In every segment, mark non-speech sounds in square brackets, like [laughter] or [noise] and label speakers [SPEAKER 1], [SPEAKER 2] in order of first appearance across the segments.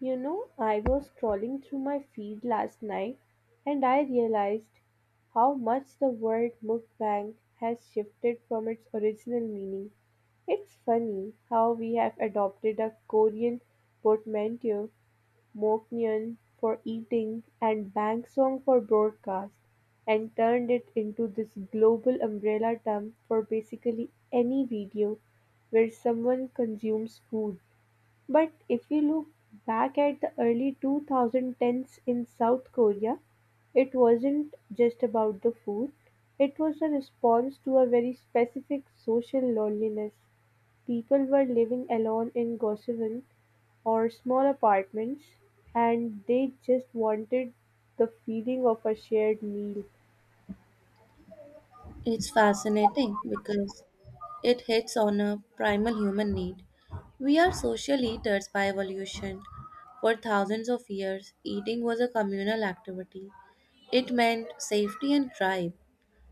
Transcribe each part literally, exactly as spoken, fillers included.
[SPEAKER 1] You know, I was scrolling through my feed last night and I realized how much the word mukbang has shifted from its original meaning. It's funny how we have adopted a Korean portmanteau, moknyeon for eating and bangsong for broadcast, and turned it into this global umbrella term for basically any video where someone consumes food. But if we look back at the early twenty tens in South Korea, it wasn't just about the food, it was a response to a very specific social loneliness. People were living alone in goseon or small apartments, and they just wanted the feeling of a shared meal.
[SPEAKER 2] It's fascinating because it hits on a primal human need. We are social eaters by evolution. For thousands of years, eating was a communal activity. It meant safety and tribe.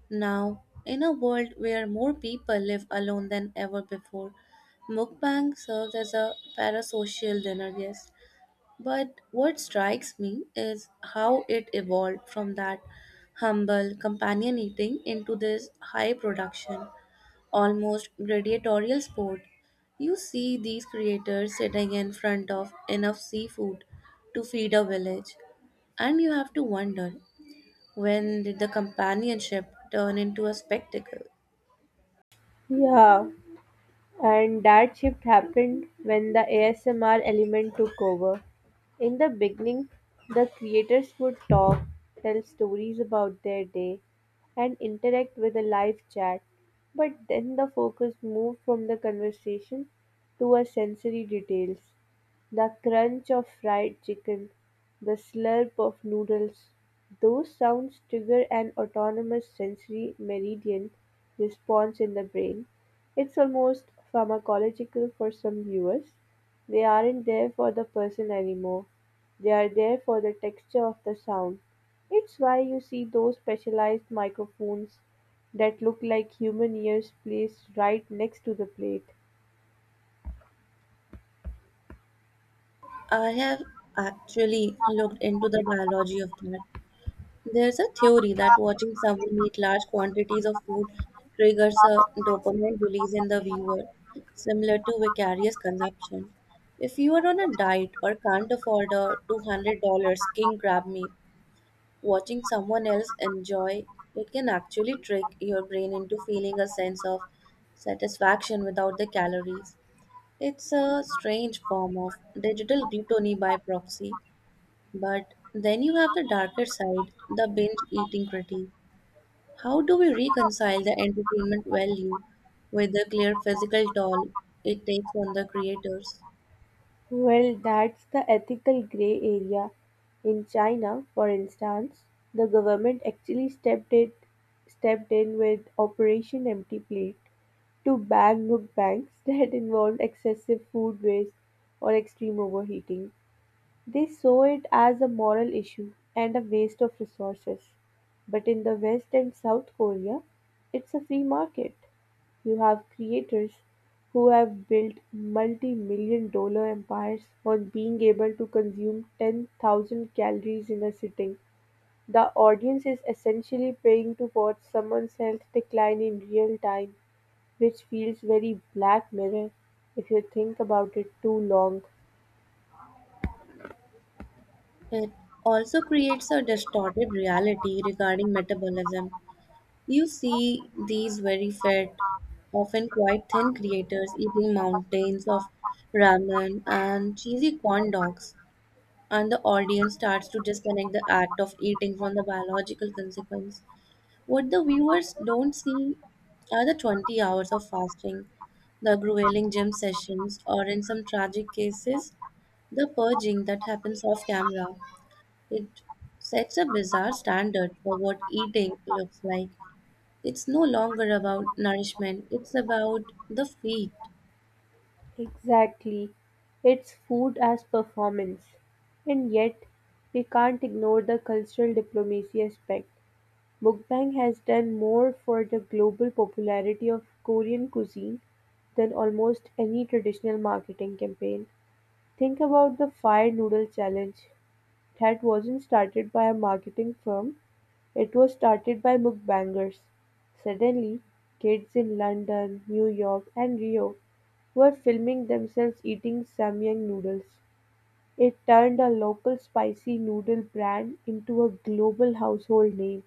[SPEAKER 2] Now, in a world where more people live alone than ever before, mukbang serves as a parasocial dinner guest. But what strikes me is how it evolved from that humble companion eating into this high production, almost gladiatorial sport. You see these creators sitting in front of enough seafood to feed a village, and you have to wonder, when did the companionship turn into a spectacle?
[SPEAKER 1] Yeah, and that shift happened when the A S M R element took over. In the beginning, the creators would talk, tell stories about their day, and interact with a live chat. But then the focus moved from the conversation to our sensory details, the crunch of fried chicken, the slurp of noodles. Those sounds trigger an autonomous sensory meridian response in the brain. It's almost pharmacological for some viewers. They aren't there for the person anymore. They are there for the texture of the sound. It's why you see those specialized microphones that look like human ears placed right next to the plate.
[SPEAKER 2] I have actually looked into the biology of that. There's a theory that watching someone eat large quantities of food triggers a dopamine release in the viewer, similar to vicarious consumption. If you are on a diet or can't afford a two hundred dollars king crab meal, watching someone else enjoy it can actually trick your brain into feeling a sense of satisfaction without the calories. It's a strange form of digital gluttony by proxy. But then you have the darker side, the binge eating critique. How do we reconcile the entertainment value with the clear physical toll it takes on the creators?
[SPEAKER 1] Well, that's the ethical gray area. In China, for instance, the government actually stepped it stepped in with Operation Empty Plate to ban mukbangs [laughs] that involved excessive food waste or extreme overheating. They saw it as a moral issue and a waste of resources. But in the West and South Korea, it's a free market. You have creators who have built multi million dollar empires on being able to consume ten thousand calories in a sitting. The audience is essentially paying to watch someone's health decline in real time, which feels very Black Mirror if you think about it too long.
[SPEAKER 2] It also creates a distorted reality regarding metabolism. You see these very fat, often quite thin creators eating mountains of ramen and cheesy corn dogs, and the audience starts to disconnect the act of eating from the biological consequence. What the viewers don't see are the twenty hours of fasting, the grueling gym sessions, or in some tragic cases, the purging that happens off camera. It sets a bizarre standard for what eating looks like. It's no longer about nourishment, it's about the feet.
[SPEAKER 1] Exactly. It's food as performance. And yet, we can't ignore the cultural diplomacy aspect. Mukbang has done more for the global popularity of Korean cuisine than almost any traditional marketing campaign. Think about the fire noodle challenge. That wasn't started by a marketing firm, it was started by mukbangers. Suddenly, kids in London, New York, and Rio were filming themselves eating Samyang noodles. It turned a local spicy noodle brand into a global household name.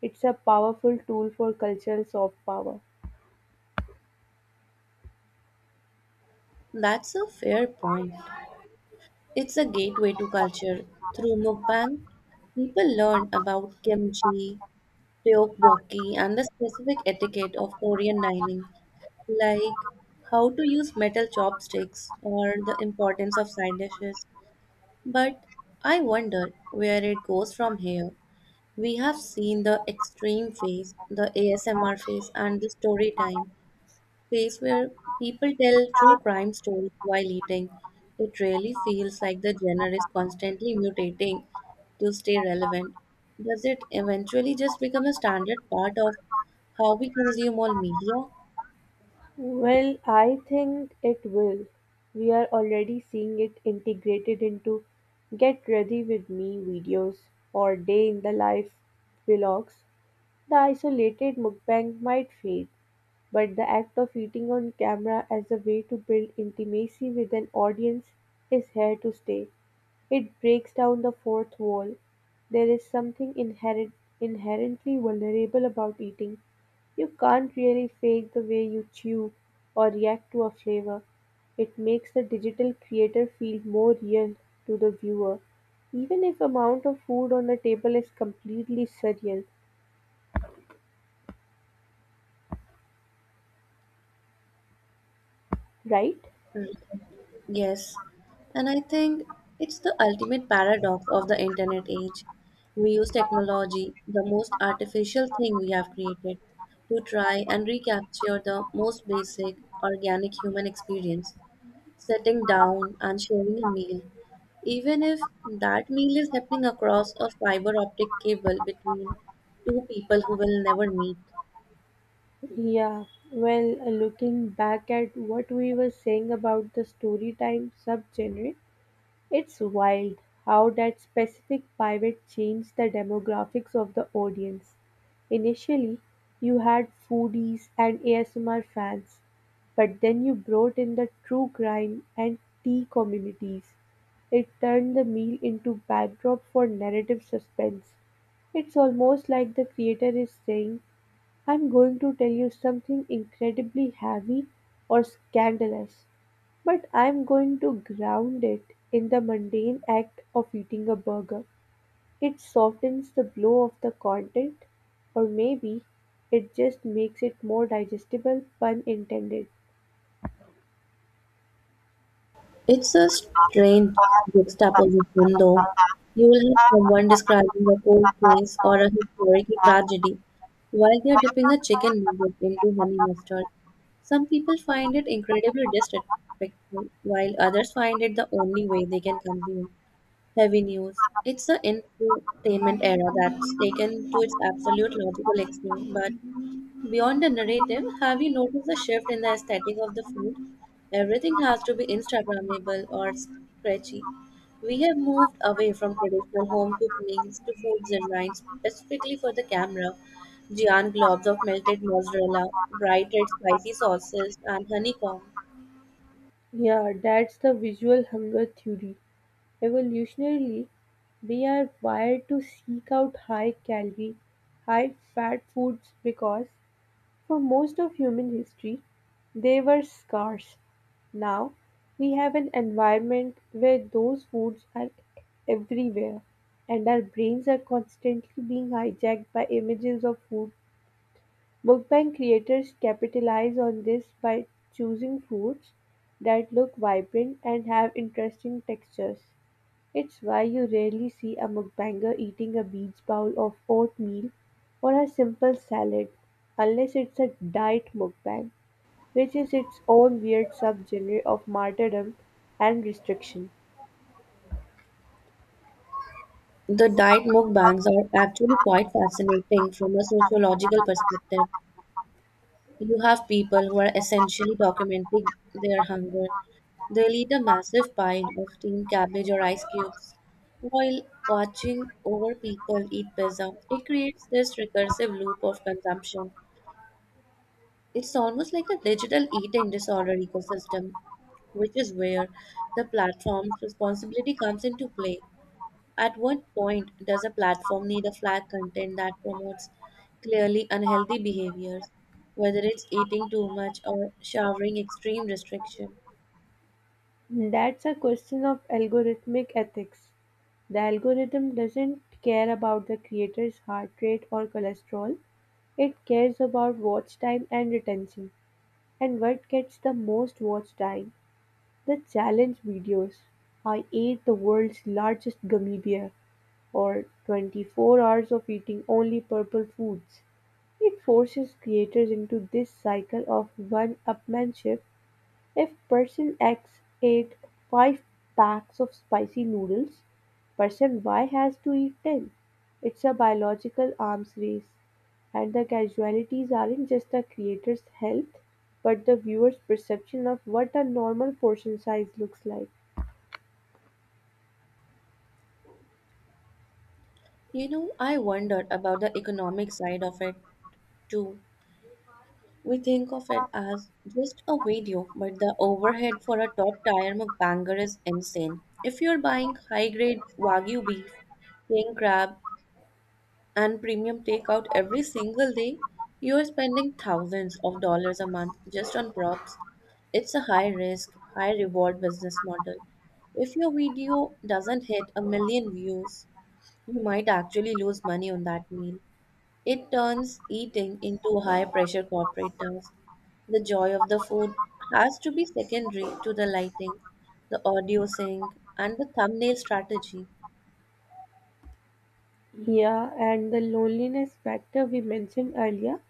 [SPEAKER 1] It's a powerful tool for cultural soft power.
[SPEAKER 2] That's a fair point. It's a gateway to culture. Through mukbang, people learn about kimchi, Ryokboki, and the specific etiquette of Korean dining, like how to use metal chopsticks or the importance of side dishes. But I wonder where it goes from here. We have seen the extreme phase, the A S M R phase, and the story time place where people tell true crime stories while eating. It really feels like the genre is constantly mutating to stay relevant. Does it eventually just become a standard part of how we consume all media?
[SPEAKER 1] Well, I think it will. We are already seeing it integrated into Get Ready With Me videos or Day in the Life vlogs. The isolated mukbang might fade, but the act of eating on camera as a way to build intimacy with an audience is here to stay. It breaks down the fourth wall. There is something inherent, inherently vulnerable about eating. You can't really fake the way you chew or react to a flavor. It makes the digital creator feel more real to the viewer, even if amount of food on the table is completely surreal, right?
[SPEAKER 2] Yes, and I think it's the ultimate paradox of the internet age. We use technology, the most artificial thing we have created, to try and recapture the most basic organic human experience, sitting down and sharing a meal, even if that meal is happening across a fiber optic cable between two people who will never meet.
[SPEAKER 1] Yeah, well, uh, looking back at what we were saying about the storytime subgenre, it's wild how that specific pivot changed the demographics of the audience. Initially, you had foodies and A S M R fans, but then you brought in the true crime and tea communities. It turned the meal into backdrop for narrative suspense. It's almost like the creator is saying, I'm going to tell you something incredibly heavy or scandalous, but I'm going to ground it in the mundane act of eating a burger. It softens the blow of the content, or maybe it just makes it more digestible, pun intended.
[SPEAKER 2] It's a strange juxtaposition, though. You will have someone describing a cold case or a historical tragedy while they are dipping a chicken nugget into honey mustard. Some people find it incredibly disrespectful, while others find it the only way they can consume heavy news. It's the infotainment era that's taken to its absolute logical extreme. But beyond the narrative, have you noticed a shift in the aesthetic of the food? Everything has to be Instagrammable or scratchy. We have moved away from traditional home cooked meals to foods designed specifically for the camera. Giant globs of melted mozzarella, bright red spicy sauces, and honeycomb.
[SPEAKER 1] Yeah, that's the visual hunger theory. Evolutionarily, we are wired to seek out high calorie, high fat foods because for most of human history, they were scarce. Now we have an environment where those foods are everywhere, and our brains are constantly being hijacked by images of food. Mukbang creators capitalize on this by choosing foods that look vibrant and have interesting textures. It's why you rarely see a mukbanger eating a beach bowl of oatmeal or a simple salad, unless it's a diet mukbang, which is its own weird subgenre of martyrdom and restriction.
[SPEAKER 2] The diet mukbangs are actually quite fascinating from a sociological perspective. You have people who are essentially documenting their hunger. They'll eat a massive pie of steamed cabbage or ice cubes while watching over people eat pizza. It creates this recursive loop of consumption. It's almost like a digital eating disorder ecosystem, which is where the platform's responsibility comes into play. At what point does a platform need a flag content that promotes clearly unhealthy behaviors, whether it's eating too much or showering extreme restriction?
[SPEAKER 1] That's a question of algorithmic ethics. The algorithm doesn't care about the creator's heart rate or cholesterol. It cares about watch time and retention, and what gets the most watch time? The challenge videos. I ate the world's largest gummy bear, or twenty-four hours of eating only purple foods. It forces creators into this cycle of one upmanship. If person X ate five packs of spicy noodles, person Y has to eat ten. It's a biological arms race, and the casualties aren't just the creator's health, but the viewer's perception of what a normal portion size looks like.
[SPEAKER 2] You know, I wondered about the economic side of it too. We think of it as just a video, but the overhead for a top tier mukbanger is insane. If you're buying high grade wagyu beef, king crab, and premium takeout every single day, you are spending thousands of dollars a month just on props. It's a high risk, high reward business model. If your video doesn't hit a million views, you might actually lose money on that meal. It turns eating into a high pressure corporate task. The joy of the food has to be secondary to the lighting, the audio sync, and the thumbnail strategy.
[SPEAKER 1] Yeah, and the loneliness factor we mentioned earlier,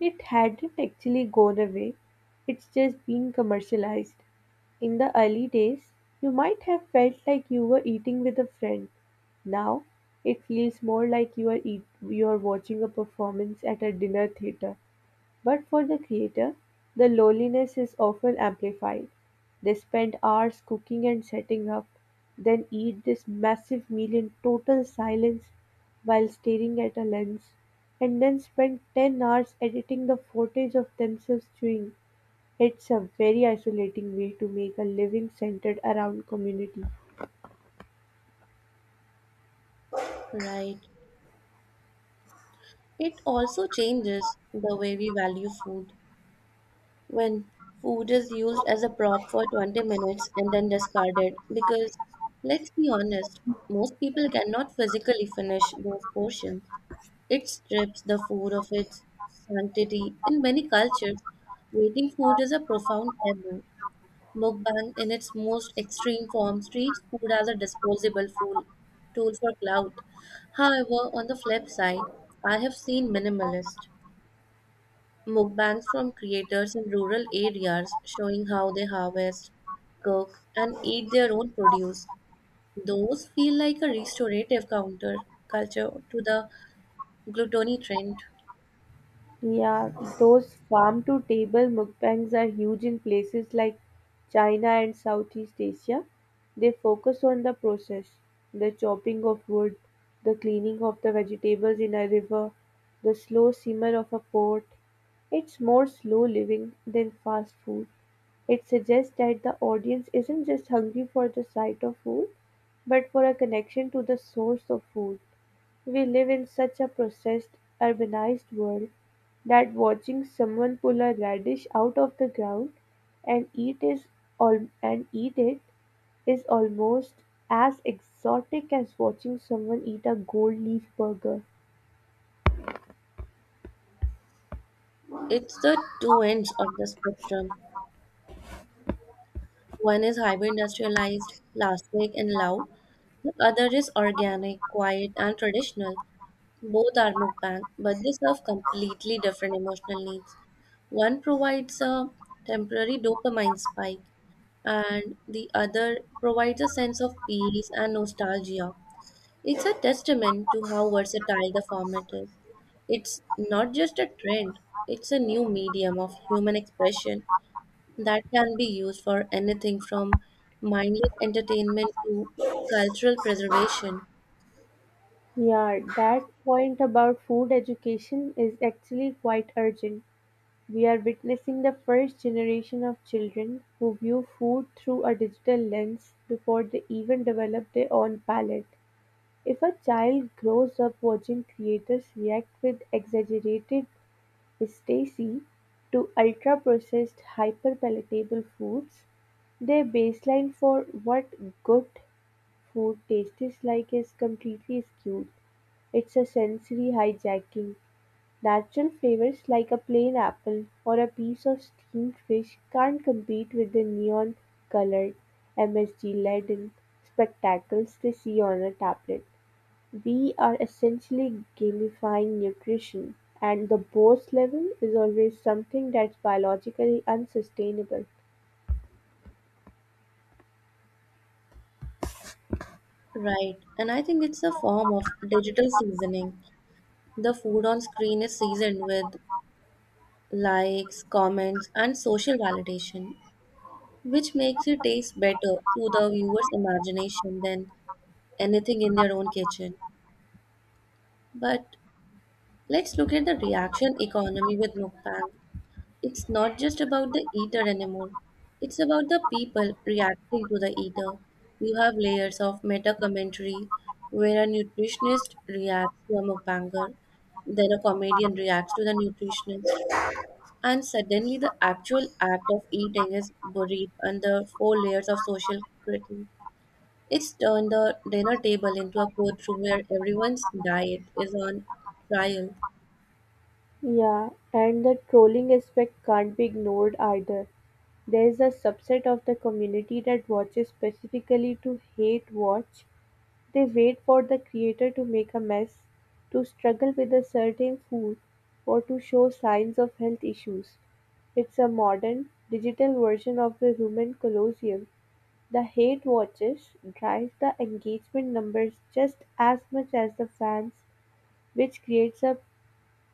[SPEAKER 1] it hadn't actually gone away, it's just been commercialized. In the early days, you might have felt like you were eating with a friend. Now, it feels more like you are eat- you are watching a performance at a dinner theater. But for the creator, the loneliness is often amplified. They spend hours cooking and setting up, then eat this massive meal in total silence while staring at a lens, and then spend ten hours editing the footage of themselves chewing. It's a very isolating way to make a living centered around community.
[SPEAKER 2] Right. It also changes the way we value food. When food is used as a prop for twenty minutes and then discarded, because let's be honest, most people cannot physically finish those portions. It strips the food of its sanctity. In many cultures, waiting food is a profound taboo. Mukbang, in its most extreme form, treats food as a disposable fool, tool for clout. However, on the flip side, I have seen minimalists Mukbangs from creators in rural areas showing how they harvest, cook, and eat their own produce. Those feel like a restorative counter culture to the gluttony trend.
[SPEAKER 1] Yeah, those farm to table mukbangs are huge in places like China and Southeast Asia. They focus on the process, the chopping of wood, the cleaning of the vegetables in a river, the slow simmer of a pot. It's more slow living than fast food. It suggests that the audience isn't just hungry for the sight of food, but for a connection to the source of food. We live in such a processed, urbanized world that watching someone pull a radish out of the ground and eat is al- and eat it is almost as exotic as watching someone eat a gold leaf burger.
[SPEAKER 2] It's the two ends of the spectrum. One is hyper industrialized, plastic, and loud. The other is organic, quiet, and traditional. Both are mukbang, but they serve completely different emotional needs. One provides a temporary dopamine spike, and the other provides a sense of peace and nostalgia. It's a testament to how versatile the format is. It's not just a trend, it's a new medium of human expression that can be used for anything from mindless entertainment to cultural preservation.
[SPEAKER 1] Yeah, that point about food education is actually quite urgent. We are witnessing the first generation of children who view food through a digital lens before they even develop their own palate. If a child grows up watching creators react with exaggerated ecstasy to ultra-processed, hyper-palatable foods, their baseline for what good food tastes like is completely skewed. It's a sensory hijacking. Natural flavors like a plain apple or a piece of steamed fish can't compete with the neon colored, M S G laden spectacles they see on a tablet. We are essentially gamifying nutrition, and the boss level is always something that's biologically unsustainable.
[SPEAKER 2] Right, and I think it's a form of digital seasoning. The food on screen is seasoned with likes, comments, and social validation, which makes it taste better to the viewer's imagination than anything in their own kitchen. But let's look at the reaction economy with mukbang. It's not just about the eater anymore. It's about the people reacting to the eater. You have layers of meta commentary where a nutritionist reacts to a mukbanger, then a comedian reacts to the nutritionist, and suddenly the actual act of eating is buried under four layers of social critique. It's turned the dinner table into a courtroom where everyone's diet is on trial.
[SPEAKER 1] Yeah, and the trolling aspect can't be ignored either. There is a subset of the community that watches specifically to hate watch. They wait for the creator to make a mess, to struggle with a certain food, or to show signs of health issues. It's a modern, digital version of the Roman Colosseum. The hate watches drive the engagement numbers just as much as the fans, which creates a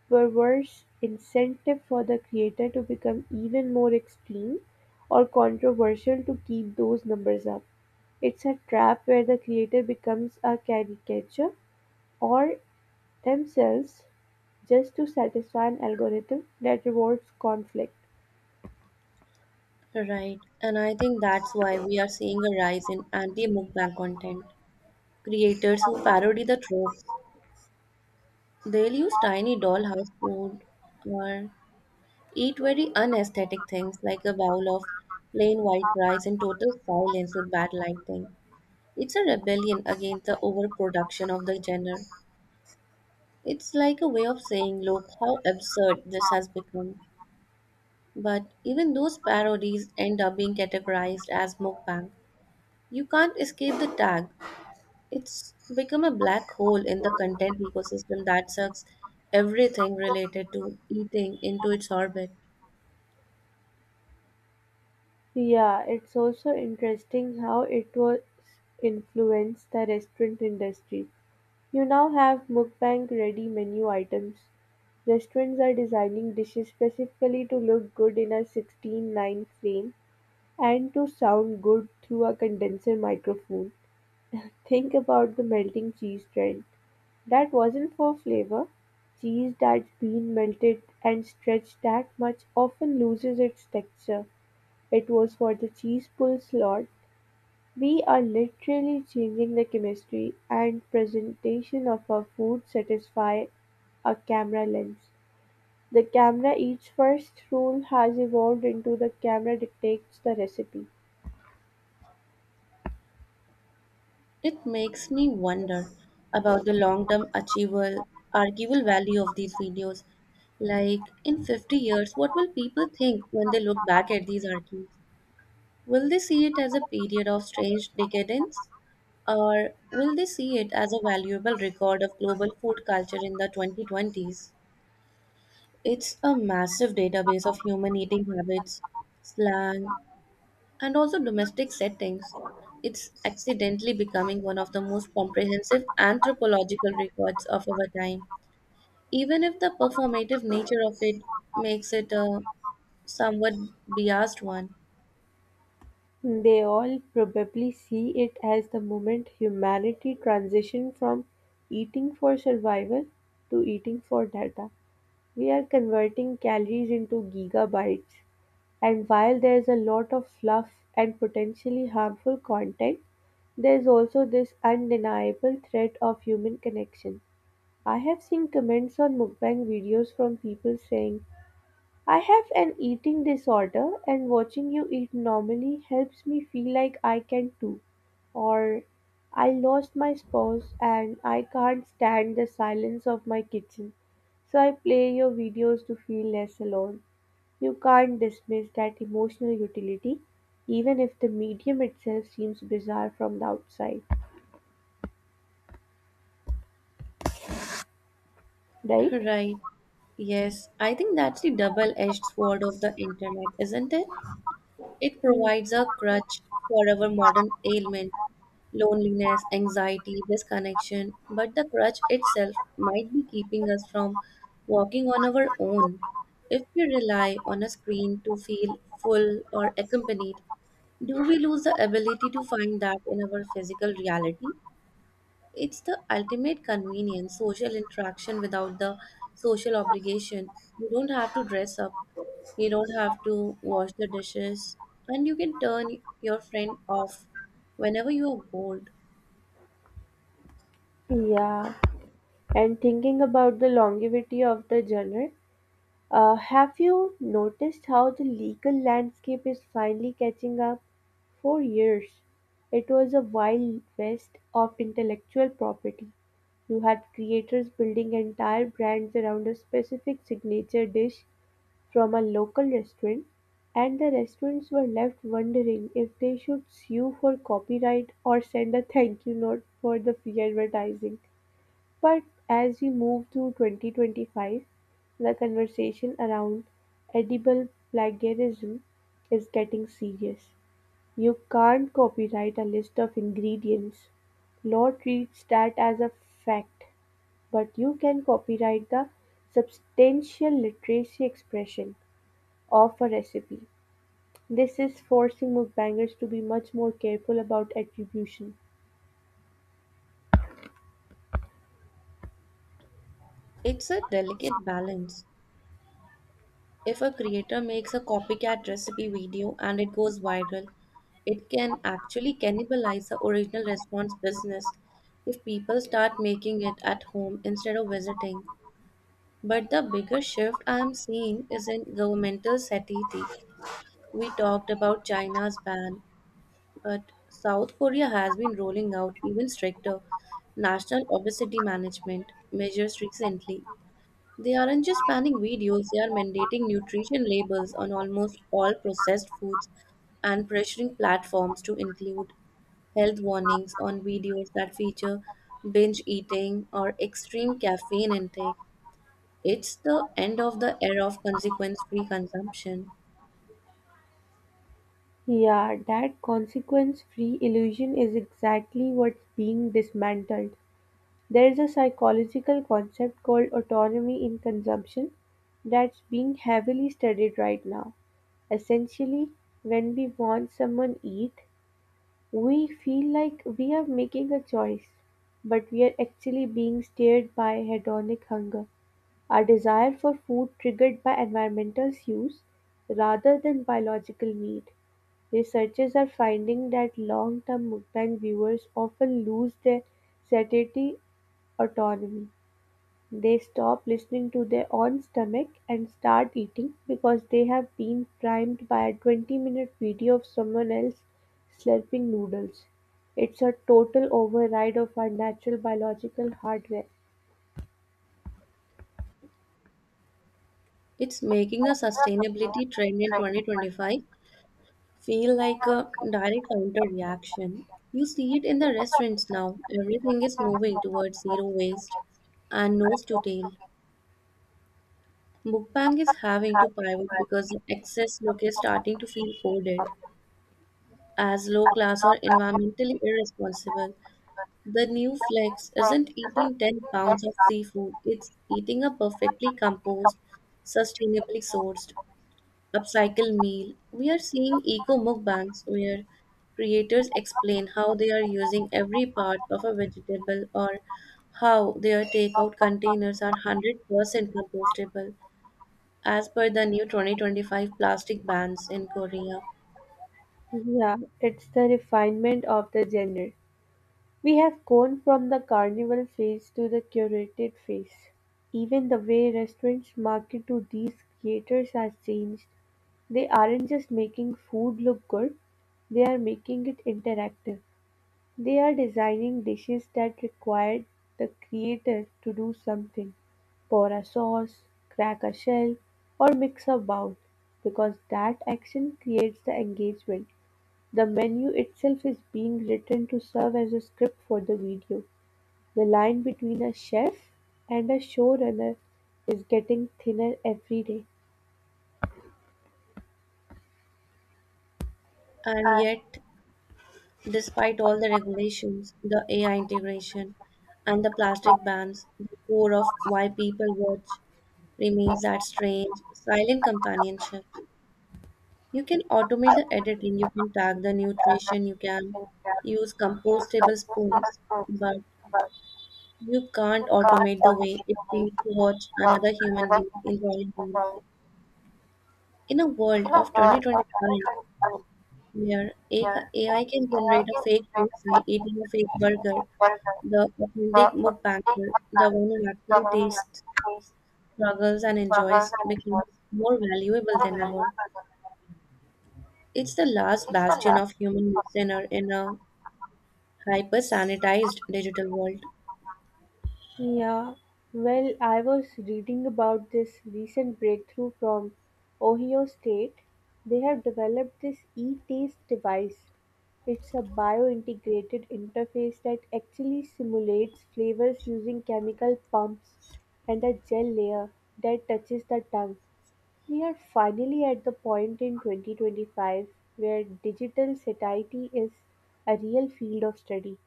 [SPEAKER 1] were worse incentive for the creator to become even more extreme or controversial to keep those numbers up. It's a trap where the creator becomes a caricature or themselves just to satisfy an algorithm that rewards conflict.
[SPEAKER 2] Right. And I think that's why we are seeing a rise in anti-mukbang content. Creators who parody the tropes. They'll use tiny dollhouse food or eat very unaesthetic things like a bowl of plain white rice in total silence with bad lighting. It's a rebellion against the overproduction of the genre. It's like a way of saying, look how absurd this has become. But even those parodies end up being categorized as mukbang. You can't escape the tag. It's become a black hole in the content ecosystem that sucks everything related to eating into its orbit.
[SPEAKER 1] Yeah, it's also interesting how it was influenced the restaurant industry. You now have mukbang ready menu items. Restaurants are designing dishes specifically to look good in a sixteen nine frame and to sound good through a condenser microphone. Think about the melting cheese trend. That wasn't for flavor. Cheese that's been melted and stretched that much often loses its texture. It was for the cheese pull slot. We are literally changing the chemistry and presentation of our food satisfy a camera lens. The camera eats first rule has evolved into the camera dictates the recipe.
[SPEAKER 2] It makes me wonder about the long term achievable, arguable value of these videos. Like, in fifty years, what will people think when they look back at these archives? Will they see it as a period of strange decadence? Or will they see it as a valuable record of global food culture in the twenty twenties? It's a massive database of human eating habits, slang, and also domestic settings. It's accidentally becoming one of the most comprehensive anthropological records of our time, even if the performative nature of it makes it a somewhat biased one.
[SPEAKER 1] They all probably see it as the moment humanity transitioned from eating for survival to eating for data. We are converting calories into gigabytes, and while there's a lot of fluff and potentially harmful content, there's also this undeniable threat of human connection. I have seen comments on mukbang videos from people saying, I have an eating disorder, and watching you eat normally helps me feel like I can too. Or, I lost my spouse and I can't stand the silence of my kitchen, so I play your videos to feel less alone. You can't dismiss that emotional utility, even if the medium itself seems bizarre from the outside,
[SPEAKER 2] [laughs]
[SPEAKER 1] right?
[SPEAKER 2] Right. Yes, I think that's the double-edged sword of the internet, isn't it? It
[SPEAKER 1] Hmm.
[SPEAKER 2] provides a crutch for our modern ailment, loneliness, anxiety, disconnection, but the crutch itself might be keeping us from walking on our own. If we rely on a screen to feel full or accompanied, do we lose the ability to find that in our physical reality? It's the ultimate convenience, social interaction without the social obligation. You don't have to dress up, you don't have to wash the dishes, and you can turn your friend off whenever you are bored.
[SPEAKER 1] Yeah, and thinking about the longevity of the genre, Uh, have you noticed how the legal landscape is finally catching up? For years, it was a wild west of intellectual property. You had creators building entire brands around a specific signature dish from a local restaurant, and the restaurants were left wondering if they should sue for copyright or send a thank you note for the free advertising. But as we move to twenty twenty-five, the conversation around edible plagiarism is getting serious. You can't copyright a list of ingredients. Law treats that as a fact, but you can copyright the substantial literacy expression of a recipe. This is forcing mukbangers to be much more careful about attribution.
[SPEAKER 2] It's a delicate balance. If a creator makes a copycat recipe video and it goes viral, it can actually cannibalize the original restaurant's business if people start making it at home instead of visiting. But the bigger shift I am seeing is in governmental satiety. We talked about China's ban, but South Korea has been rolling out even stricter national obesity management measures recently. They aren't just banning videos, they are mandating nutrition labels on almost all processed foods and pressuring platforms to include health warnings on videos that feature binge eating or extreme caffeine intake. It's the end of the era of consequence free consumption.
[SPEAKER 1] Yeah, that consequence-free illusion is exactly what's being dismantled. There's a psychological concept called autonomy in consumption that's being heavily studied right now. Essentially, when we want someone eat, we feel like we are making a choice, but we are actually being steered by hedonic hunger, our desire for food triggered by environmental cues rather than biological need. Researchers are finding that long-term mukbang viewers often lose their satiety autonomy. They stop listening to their own stomach and start eating because they have been primed by a twenty-minute video of someone else slurping noodles. It's a total override of our natural biological hardware.
[SPEAKER 2] It's making the sustainability trend in twenty twenty-five feel like a direct counter reaction. You see it in the restaurants now. Everything is moving towards zero waste and nose to tail. Mukbang is having to pivot because the excess look is starting to feel coded as low class or environmentally irresponsible. The new flex isn't eating ten pounds of seafood, it's eating a perfectly composed, sustainably sourced, upcycle meal. We are seeing eco mukbangs where creators explain how they are using every part of a vegetable or how their takeout containers are one hundred percent compostable as per the new twenty twenty-five plastic bans in Korea.
[SPEAKER 1] Yeah, it's the refinement of the genre. We have gone from the carnival phase to the curated phase. Even the way restaurants market to these creators has changed. They aren't just making food look good, they are making it interactive. They are designing dishes that require the creator to do something, pour a sauce, crack a shell, or mix a bowl, because that action creates the engagement. The menu itself is being written to serve as a script for the video. The line between a chef and a showrunner is getting thinner every day.
[SPEAKER 2] And yet, despite all the regulations, the A I integration, and the plastic bans, the core of why people watch remains that strange, silent companionship. You can automate the editing, you can tag the nutrition, you can use compostable spoons, but you can't automate the way it feels to watch another human being enjoy a meal. In a world of twenty twenty-five, where A- AI can generate a fake person eating a fake burger, the authentic mukbanger, the one who actually tastes, struggles, and enjoys, becomes more valuable than ever. It's the last bastion of human listener in a hyper sanitized digital world.
[SPEAKER 1] Yeah, well, I was reading about this recent breakthrough from Ohio State. They have developed this e taste device. It's a bio-integrated interface that actually simulates flavors using chemical pumps and a gel layer that touches the tongue. We are finally at the point in twenty twenty-five where digital satiety is a real field of study.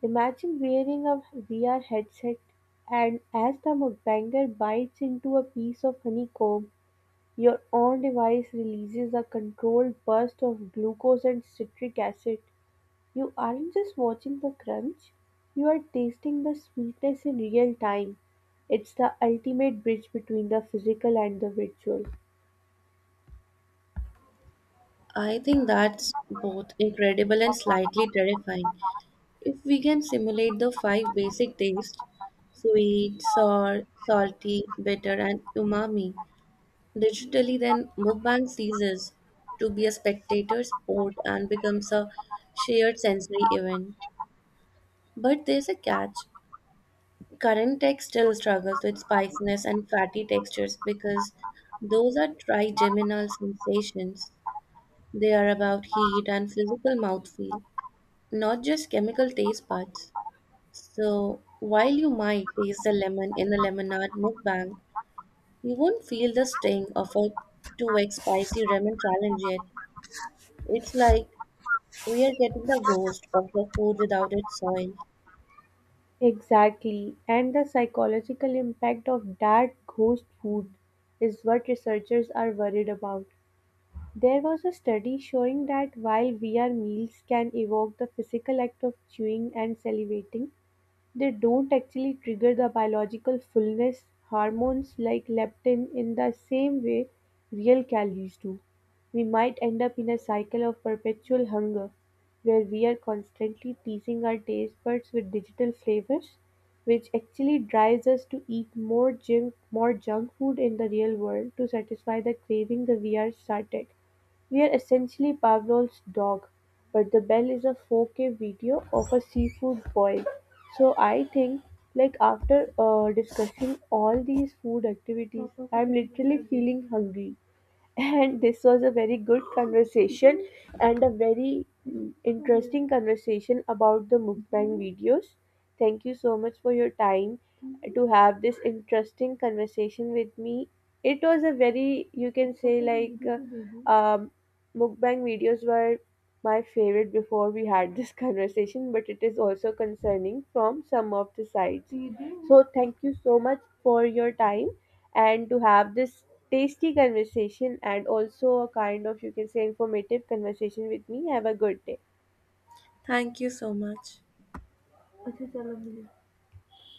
[SPEAKER 1] Imagine wearing a V R headset, and as the mukbanger bites into a piece of honeycomb, your own device releases a controlled burst of glucose and citric acid. You aren't just watching the crunch, you are tasting the sweetness in real time. It's the ultimate bridge between the physical and the virtual.
[SPEAKER 2] I think that's both incredible and slightly terrifying. If we can simulate the five basic tastes, sweet, sour, salty, bitter, and umami digitally, then mukbang ceases to be a spectator sport and becomes a shared sensory event. But there's a catch. Current tech still struggles with spiciness and fatty textures because those are trigeminal sensations. They are about heat and physical mouthfeel, not just chemical taste buds. So, while you might taste the lemon in a lemonade mukbang, you won't feel the sting of a two x spicy ramen challenge yet. It's like we are getting the ghost of the food without its soil.
[SPEAKER 1] Exactly, and the psychological impact of that ghost food is what researchers are worried about. There was a study showing that while V R meals can evoke the physical act of chewing and salivating, they don't actually trigger the biological fullness hormones like leptin in the same way real calories do. We might end up in a cycle of perpetual hunger where we are constantly teasing our taste buds with digital flavors, which actually drives us to eat more junk, more junk food in the real world to satisfy the craving that we are started. We're essentially Pavlov's dog, but the bell is a four-K video of a seafood boil, so I think, like, after uh, discussing all these food activities, I'm literally feeling hungry. [laughs] And this was a very good conversation and a very mm, interesting conversation about the mukbang videos. Thank you so much for your time to have this interesting conversation with me. It was a very, you can say, like, uh, Um, mukbang videos were my favorite before we had this [laughs] conversation, but it is also concerning from some of the sides. So, thank you so much for your time and to have this tasty conversation and also a kind of, you can say, informative conversation with me. Have a good day.
[SPEAKER 2] Thank you so much.